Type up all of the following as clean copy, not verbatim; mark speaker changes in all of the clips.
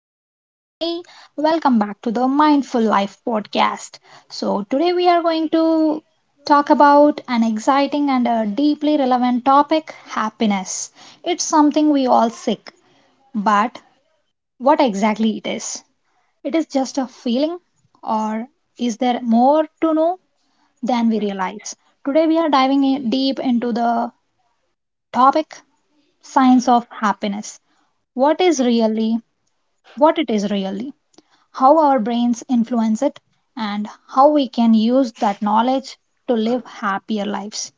Speaker 1: Asanya with me. Welcome back to the Mindful Life podcast. So, today we are going to talk about an exciting and a deeply relevant topic happiness. It's something we all seek, but what exactly it is? It is just a feeling, or is there more to know than we realize? Today we are diving in deep into the topic science of happiness. What is really what it is really, how our brains influence it, and how we can use that knowledge to live happier lives.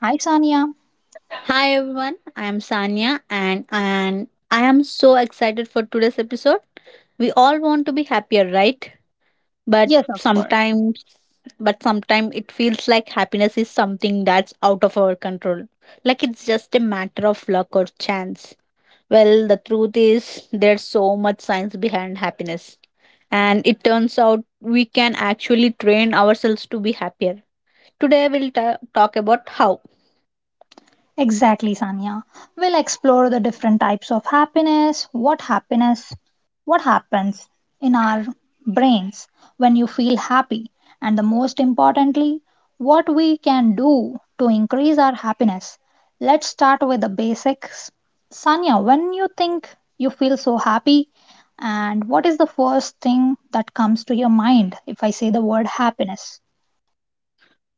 Speaker 1: Hi, Sania.
Speaker 2: Hi everyone, I am Sanya and I am so excited for today's episode. We all want to be happier, right? But
Speaker 1: Yes, of course.
Speaker 2: sometimes but sometimes it feels like happiness is something that's out of our control. Like it's just a matter of luck or chance. Well, the truth is there's so much science behind happiness. And it turns out we can actually train ourselves to be happier. Today we'll talk about how.
Speaker 1: Exactly, Sanya. We'll explore the different types of happiness, what happens in our brains when you feel happy, and the most importantly, what we can do to increase our happiness. Let's start with the basics. Sanya, when you think you feel so happy, and what is the first thing that comes to your mind if I say the word happiness?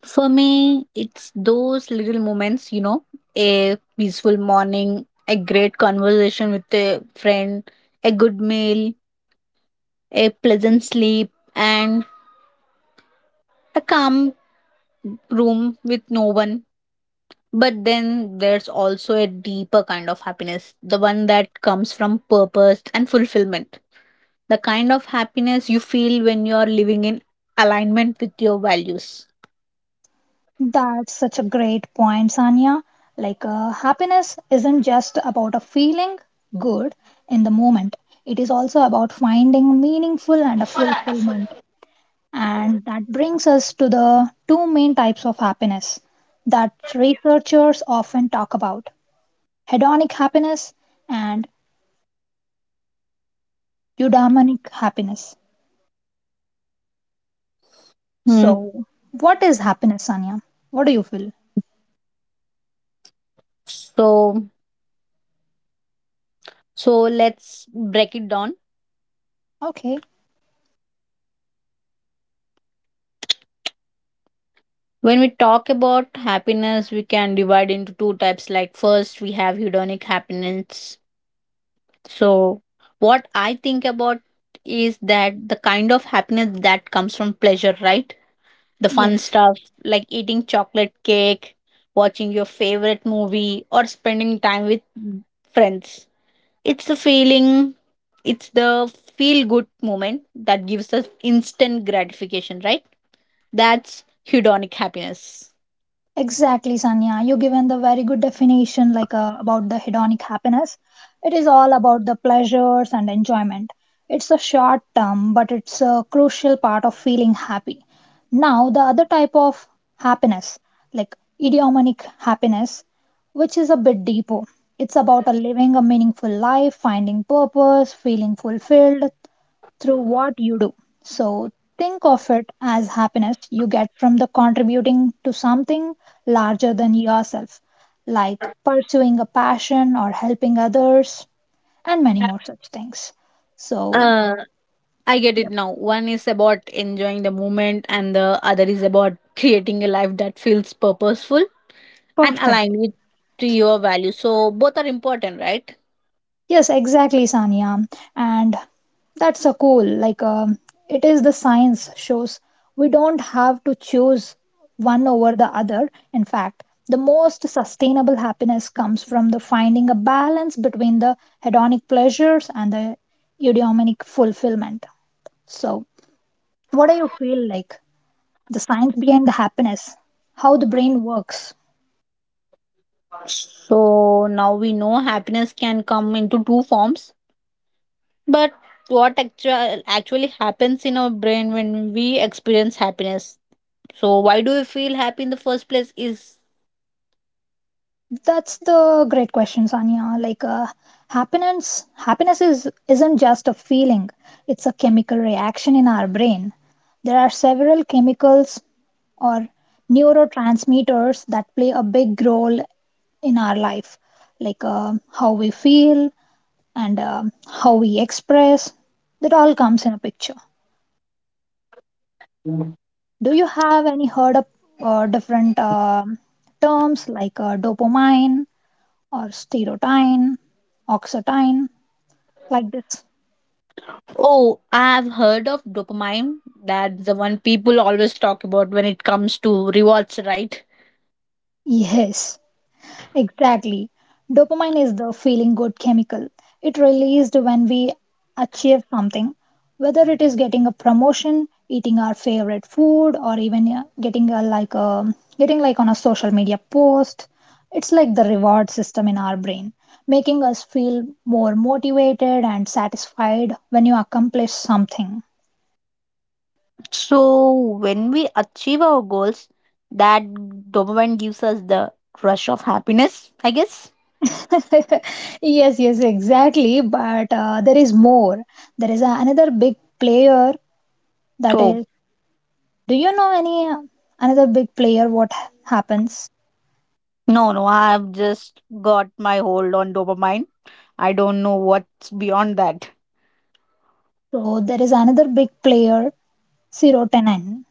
Speaker 2: For me, it's those little moments, a peaceful morning, a great conversation with a friend, a good meal, a pleasant sleep, and a calm room with no one. But then there's also a deeper kind of happiness, the one that comes from purpose and fulfillment, the kind of happiness you feel when you're living in alignment with your values.
Speaker 1: That's such a great point, Sanya. Happiness isn't just about a feeling good in the moment, it is also about finding meaningful and a fulfillment. And that brings us to the two main types of happiness that researchers often talk about hedonic happiness and eudaimonic happiness.
Speaker 2: Hmm.
Speaker 1: So, what is happiness, Sanya? What do you feel?
Speaker 2: So, so let's break it down.
Speaker 1: Okay,
Speaker 2: When we talk about happiness, we can divide into two types. Like, first, we have hedonic happiness. So, what I think about is that the kind of happiness that comes from pleasure, right? The
Speaker 1: yes.
Speaker 2: fun stuff like eating chocolate cake, watching your favorite movie, or spending time with friends. It's the feeling, it's the feel good moment that gives us instant gratification, right? That's hedonic happiness.
Speaker 1: Exactly, Sanya. You given the very good definition, about the hedonic happiness. It is all about the pleasures and enjoyment. It's a short term, but it's a crucial part of feeling happy. Now, the other type of happiness, like eudaimonic happiness, which is a bit deeper. It's about a living a meaningful life, finding purpose, feeling fulfilled through what you do. So think of it as happiness you get from the contributing to something larger than yourself, like pursuing a passion or helping others, and many more such things. So
Speaker 2: I get it now. One is about enjoying the moment, and the other is about creating a life that feels purposeful and
Speaker 1: perfect.
Speaker 2: aligned with to your values. So both are important, right?
Speaker 1: Yes, exactly, Sanya. And that's so cool. It is the science shows we don't have to choose one over the other. In fact, the most sustainable happiness comes from the finding a balance between the hedonic pleasures and the eudaimonic fulfillment. So, what do you feel like? The science behind the happiness, how the brain works.
Speaker 2: So now we know happiness can come into two forms, but what actually happens in our brain when we experience happiness? So why do we feel happy in the first place? Is
Speaker 1: That's the great question, Sanya. Happiness, happiness is isn't just a feeling; it's a chemical reaction in our brain. There are several chemicals or neurotransmitters that play a big role in our life, how we feel and how we express. That all comes in a picture. Do you have any heard of different terms like dopamine or serotonin, oxytocin, like this.
Speaker 2: oh, I've heard of dopamine. That's the one people always talk about when it comes to rewards, right?
Speaker 1: Yes, exactly. Dopamine is the feeling good chemical. It released when we achieve something, whether it is getting a promotion, eating our favorite food, or even getting a, like a getting like on a social media post. It's like the reward system in our brain, making us feel more motivated and satisfied when you accomplish something.
Speaker 2: So, when we achieve our goals, that dopamine gives us the rush of happiness, I guess.
Speaker 1: Yes, exactly. But there is more. There is another big player that
Speaker 2: So,
Speaker 1: is. Do you know any another big player? What happens?
Speaker 2: no, no, I've just got my hold on dopamine. I don't know what's beyond that.
Speaker 1: So there is another big player, Ciro Tenen.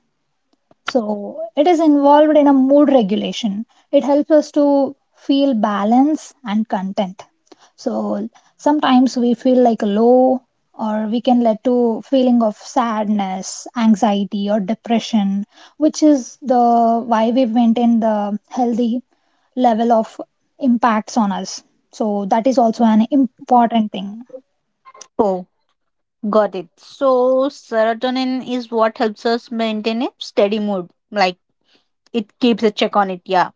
Speaker 1: So, it is involved in a mood regulation. It helps us to feel balance and content. So, sometimes we feel like low or we can lead to feeling of sadness, anxiety or depression, which is the why we maintain the healthy level of impacts on us. So, that is also an important thing.
Speaker 2: Oh, got it. So, serotonin is what helps us maintain a steady mood. Like, it keeps a check on it. Yeah.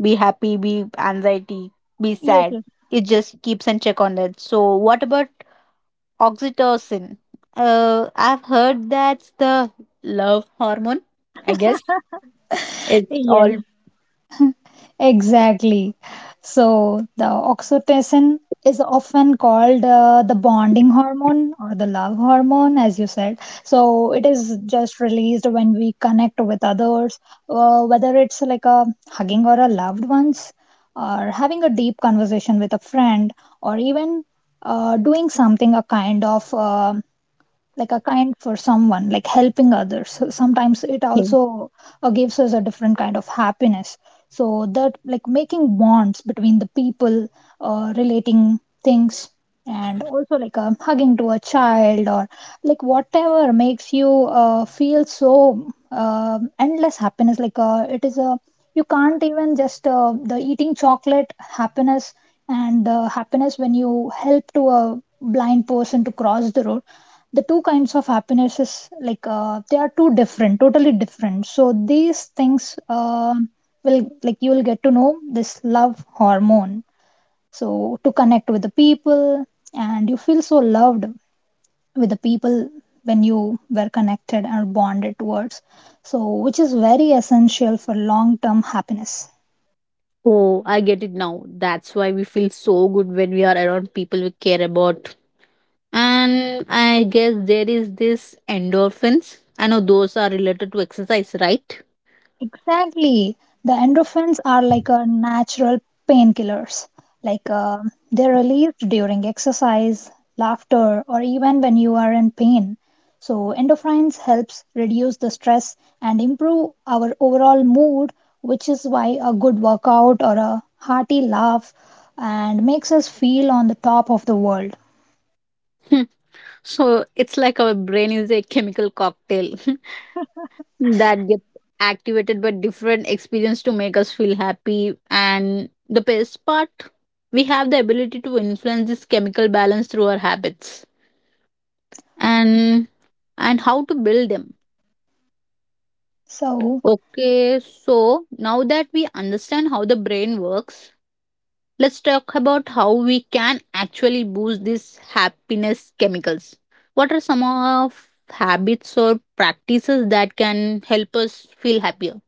Speaker 2: Be happy, be anxiety, be
Speaker 1: Yes,
Speaker 2: sad.
Speaker 1: yes,
Speaker 2: It just keeps a check on that. So, what about oxytocin. I've heard that's the love hormone. I guess it's all
Speaker 1: yes. Exactly. So the oxytocin is often called the bonding hormone or the love hormone, as you said. So it is just released when we connect with others, whether it's like a hugging or a loved ones, or having a deep conversation with a friend, or even doing something a kind of like a kind for someone like helping others so sometimes it
Speaker 2: thing.
Speaker 1: also gives us a different kind of happiness so that like making bonds between the people relating things and also like a hugging to a child or like whatever makes you feel so endless happiness like it is a you can't even just the eating chocolate happiness and the happiness when you help to a blind person to cross the road the two kinds of happiness is like they are two different totally different so these things will like you will get to know this love hormone so to connect with the people and you feel so loved with the people when you were connected and bonded towards so which is very essential for long term happiness.
Speaker 2: Oh, I get it now. That's why we feel so good when we are around people we care about. And I guess there is this endorphins. I know those are related to exercise, right?
Speaker 1: Exactly. The endorphins are like a natural painkillers. Like uh, they're released during exercise, laughter, or even when you are in pain. So endorphins helps reduce the stress and improve our overall mood, which is why a good workout or a hearty laugh and makes us feel on the top of the world.
Speaker 2: So it's like our brain is a chemical cocktail that gets activated by different experience to make us feel happy. And the best part, we have the ability to influence this chemical balance through our habits and and how to build them.
Speaker 1: So
Speaker 2: Okay, so now that we understand how the brain works, let's talk about how we can actually boost these happiness chemicals. What are some of habits or practices that can help us feel happier?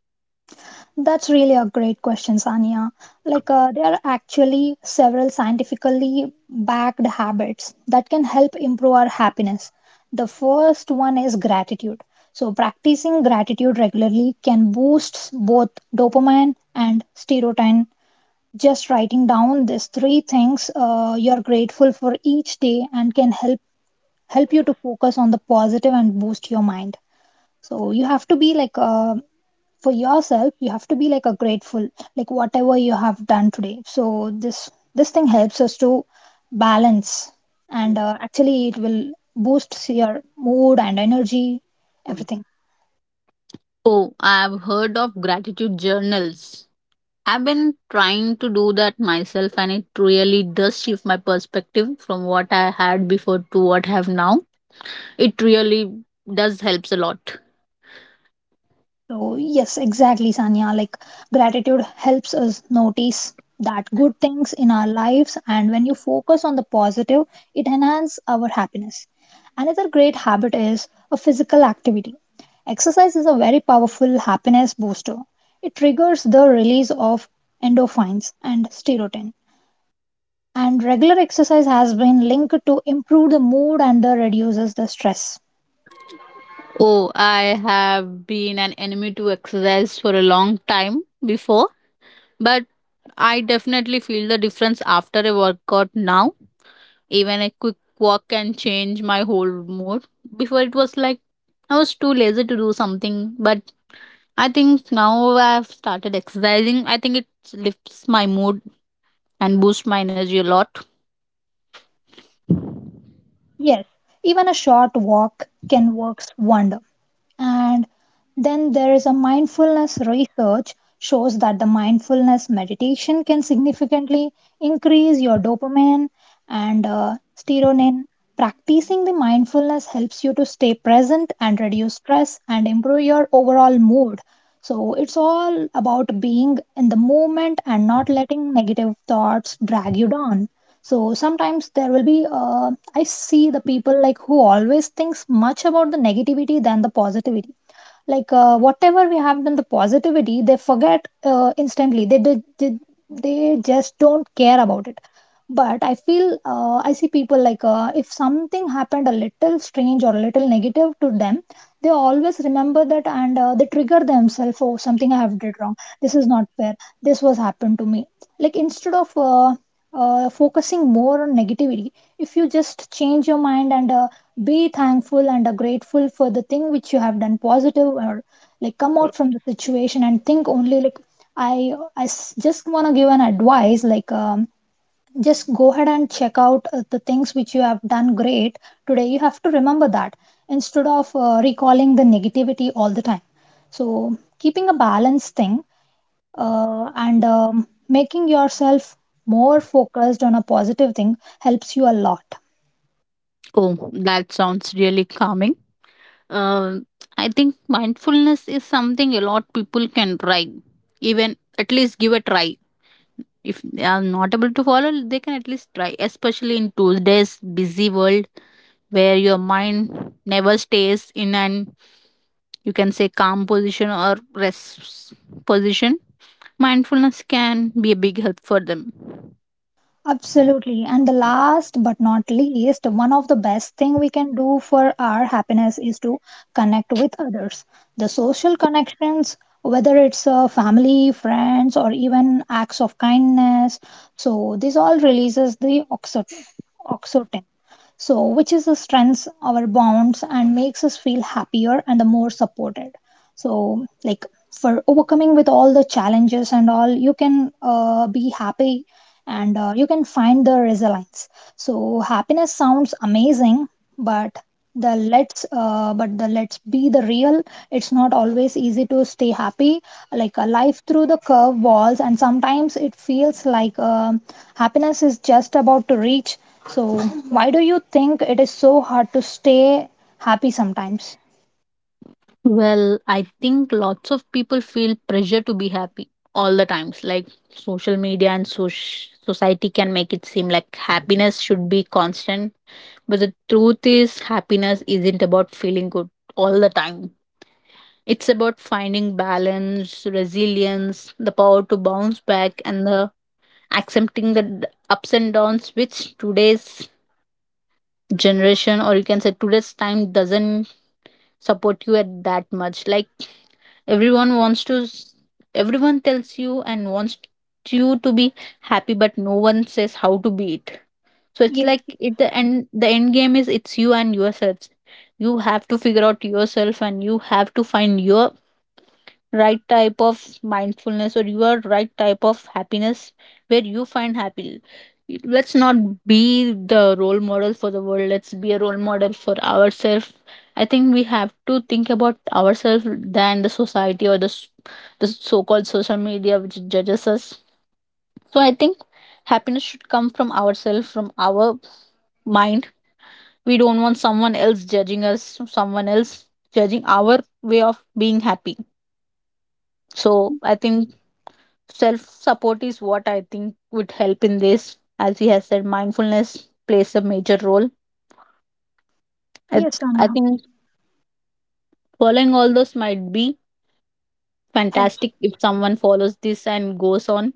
Speaker 1: that's really a great question, Sania. There are actually several scientifically backed habits that can help improve our happiness. The first one is gratitude. So, practicing gratitude regularly can boost both dopamine and serotonin. Just writing down these three things you're grateful for each day and can help help you to focus on the positive and boost your mind. So you have to be like for yourself you have to be like a grateful like whatever you have done today so this this thing helps us to balance and actually it will boost your mood and energy everything.
Speaker 2: Oh, I've heard of gratitude journals. I've been trying to do that myself, and it really does shift my perspective from what I had before to what I have now. It really does helps a lot.
Speaker 1: So, yes, exactly, Sanya. Like, gratitude helps us notice that good things in our lives, and when you focus on the positive, it enhances our happiness. Another great habit is a physical activity. Exercise is a very powerful happiness booster. It triggers the release of endorphins and serotonin. And regular exercise has been linked to improve the mood and the reduces the stress.
Speaker 2: Oh, I have been an enemy to exercise for a long time before, but I definitely feel the difference after a workout now. Even a quick walk can change my whole mood. Before it was like I was too lazy to do something, but I think now I've started exercising. I think it lifts my mood and boosts my energy a lot.
Speaker 1: Yes, even a short walk can work wonder. And then there is a mindfulness research shows that the mindfulness meditation can significantly increase your dopamine and serotonin. Practicing the mindfulness helps you to stay present and reduce stress and improve your overall mood. So it's all about being in the moment and not letting negative thoughts drag you down. So sometimes there will be, I see the people like who always thinks much about the negativity than the positivity. Whatever we have done the positivity, they forget instantly. They just don't care about it but I feel I see people like if something happened a little strange or a little negative to them they always remember that and they trigger themselves oh something I have did wrong this is not fair this was happened to me like instead of focusing more on negativity if you just change your mind and be thankful and grateful for the thing which you have done positive or like come out from the situation and think only like i just want to give an advice like just go ahead and check out the things which you have done great today you have to remember that instead of recalling the negativity all the time so keeping a balanced thing and making yourself more focused on a positive thing helps you a lot.
Speaker 2: Oh, that sounds really calming. Um, I think mindfulness is something a lot people can try, even at least give a try. If they are not able to follow, they can at least try, especially in today's busy world where your mind never stays in an you can say calm position or rest position. Mindfulness can be a big help for them.
Speaker 1: Absolutely. And the last but not least, one of the best thing we can do for our happiness is to connect with others. The social connections, whether it's family, friends, or even acts of kindness. So this all releases the oxytocin. So which is the strengths our bonds and makes us feel happier and the more supported. So like for overcoming with all the challenges and all, you can be happy and you can find the resilience. So happiness sounds amazing, but the let's be the real it's not always easy to stay happy like a life through the curve walls and sometimes it feels like happiness is just about to reach so why do you think it is so hard to stay happy sometimes.
Speaker 2: Well, I think lots of people feel pressure to be happy all the times, like social media and society can make it seem like happiness should be constant, but the truth is happiness isn't about feeling good all the time. It's about finding balance, resilience, the power to bounce back, and the accepting the ups and downs, which today's generation, or you can say today's time, doesn't support you at that much. Like, everyone wants to s- everyone tells you and wants you to be happy, but no one says how to be it. So it's
Speaker 1: Yes.
Speaker 2: like it the end game is it's you and yourselves. You have to figure out yourself, and you have to find your right type of mindfulness, or you are right type of happiness, where you find happy. Let's not be the role model for the world, let's be a role model for ourselves. I think we have to think about ourselves than the society or the, the so-called social media which judges us. So I think happiness should come from ourselves, from our mind. We don't want someone else judging us, someone else judging our way of being happy. So I think self support is what I think would help in this, as he has said mindfulness plays a major role. i,
Speaker 1: Yes,
Speaker 2: I
Speaker 1: Anya.
Speaker 2: think following all those might be fantastic. If someone follows this and goes on,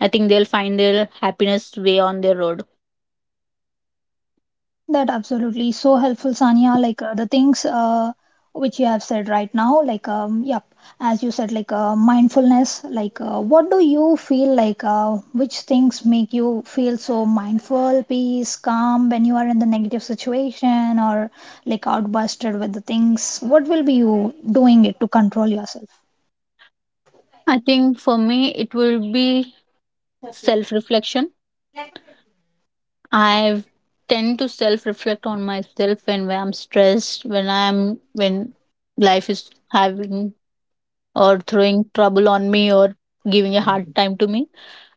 Speaker 2: I think they'll find their happiness way on their road.
Speaker 1: That absolutely so helpful, Sanya. The things which you have said right now, yep, as you said, like mindfulness. Like, what do you feel like? Which things make you feel so mindful, peace, calm when you are in the negative situation or like outbusted with the things? What will be you doing it to control yourself?
Speaker 2: I think for me it will be self reflection. I tend to self reflect on myself when I'm stressed, when life is having or throwing trouble on me or giving a hard time to me.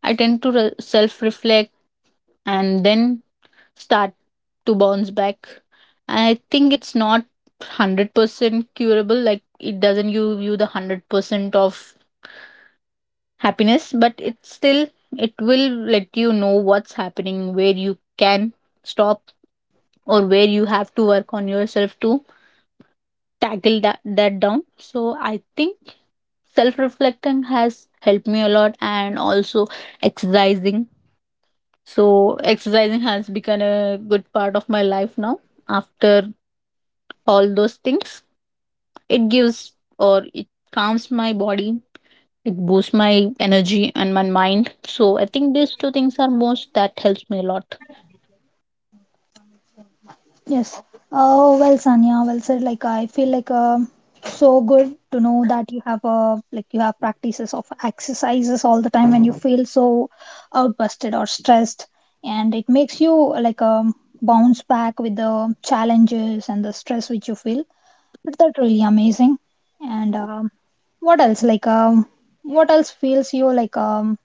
Speaker 2: I tend to self reflect and then start to bounce back. I think it's not 100% curable, like it doesn't give you the 100% of happiness, but it still it will let you know what's happening, where you can stop or where you have to work on yourself to tackle that down. So I think self reflecting has helped me a lot, and also exercising. So exercising has become a good part of my life now. After all those things, it gives or it calms my body, it boosts my energy and my mind. So I think these two things are most that helps me a lot.
Speaker 1: Yes. Oh, well, Sanya, well said. Like, I feel like so good to know that you have like you have practices of exercises all the time when you feel so outbusted or stressed, and it makes you like um, bounce back with the challenges and the stress which you feel. But that's really amazing. And what else? Like, what else feels you like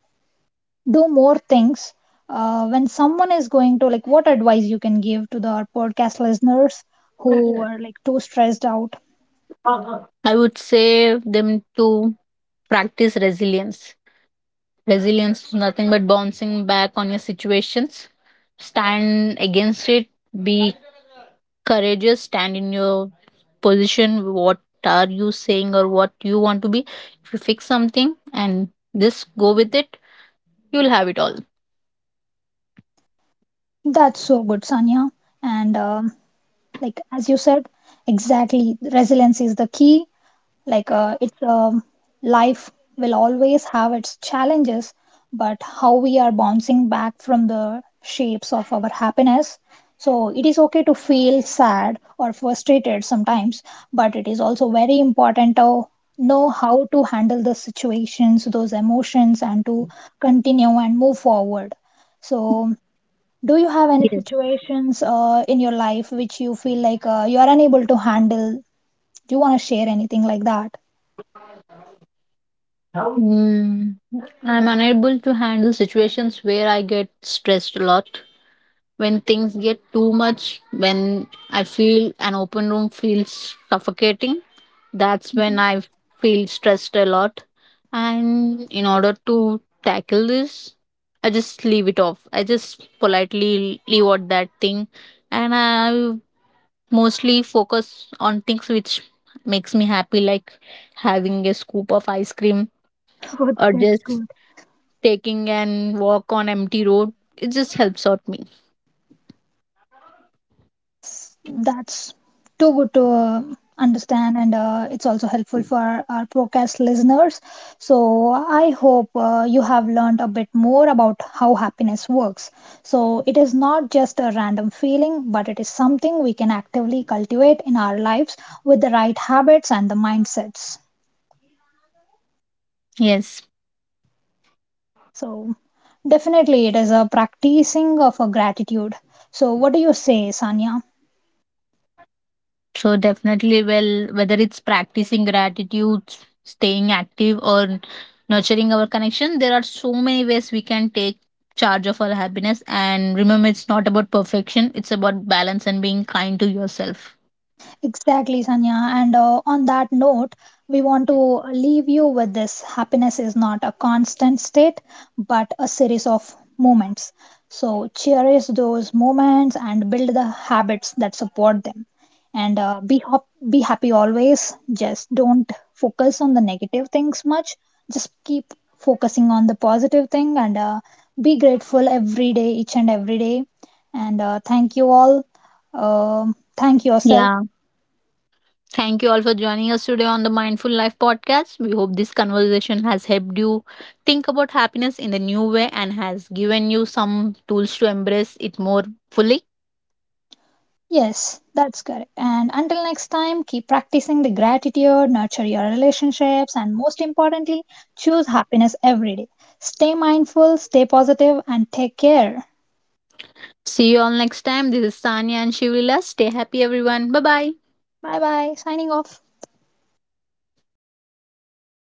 Speaker 1: do more things when someone is going to like what advice you can give to the our podcast listeners who are like too stressed out.
Speaker 2: I would say them to practice resilience. Resilience is nothing but bouncing back on your situations. Stand against it. Be courageous. Stand in your position. What are you saying or what you want to be? If you fix something and just go with it, you'll have it all.
Speaker 1: That's so good, Sanya. And like as you said exactly resilience is the key like it's life will always have its challenges but how we are bouncing back from the shapes of our happiness so it is okay to feel sad or frustrated sometimes but it is also very important to know how to handle the situations those emotions and to continue and move forward so do you have any
Speaker 2: Yes.
Speaker 1: situations in your life which you feel like you are unable to handle do you want to share anything like that.
Speaker 2: Mm, I'm unable to handle situations where I get stressed a lot. When things get too much, when I feel an open room feels suffocating, that's when I feel stressed a lot. And in order to tackle this, I just leave it off, I just politely leave out that thing, and I mostly focus on things which makes me happy, like having a scoop of ice cream
Speaker 1: Oh,
Speaker 2: or
Speaker 1: that's
Speaker 2: just
Speaker 1: good.
Speaker 2: taking an walk on empty road. It just helps out me.
Speaker 1: That's too good to understand, and it's also helpful for our podcast listeners. So, I hope you have learned a bit more about how happiness works. So, it is not just a random feeling, but it is something we can actively cultivate in our lives with the right habits and the mindsets.
Speaker 2: Yes.
Speaker 1: So, definitely, it is a practicing of a gratitude. So, what do you say, Sanya?
Speaker 2: So definitely, well, whether it's practicing gratitude, staying active, or nurturing our connection, there are so many ways we can take charge of our happiness. And remember, it's not about perfection; it's about balance and being kind to yourself.
Speaker 1: Exactly, Sanya. And on that note, we want to leave you with this happiness is not a constant state, but a series of moments. So, cherish those moments and build the habits that support them. And be happy always. Just don't focus on the negative things much. Just keep focusing on the positive thing and be grateful every day, each and every day. And thank you all. Um Thank yourself.
Speaker 2: Yeah. Thank you all for joining us today on the Mindful Life podcast. We hope this conversation has helped you think about happiness in a new way and has given you some tools to embrace it more fully.
Speaker 1: Yes, that's correct. And until next time, keep practicing the gratitude, nurture your relationships, and most importantly, choose happiness every day. Stay mindful, stay positive, and take care.
Speaker 2: See you all next time. This is Sanya and Shivlila. Stay happy, everyone. Bye bye.
Speaker 1: Bye bye. Signing off.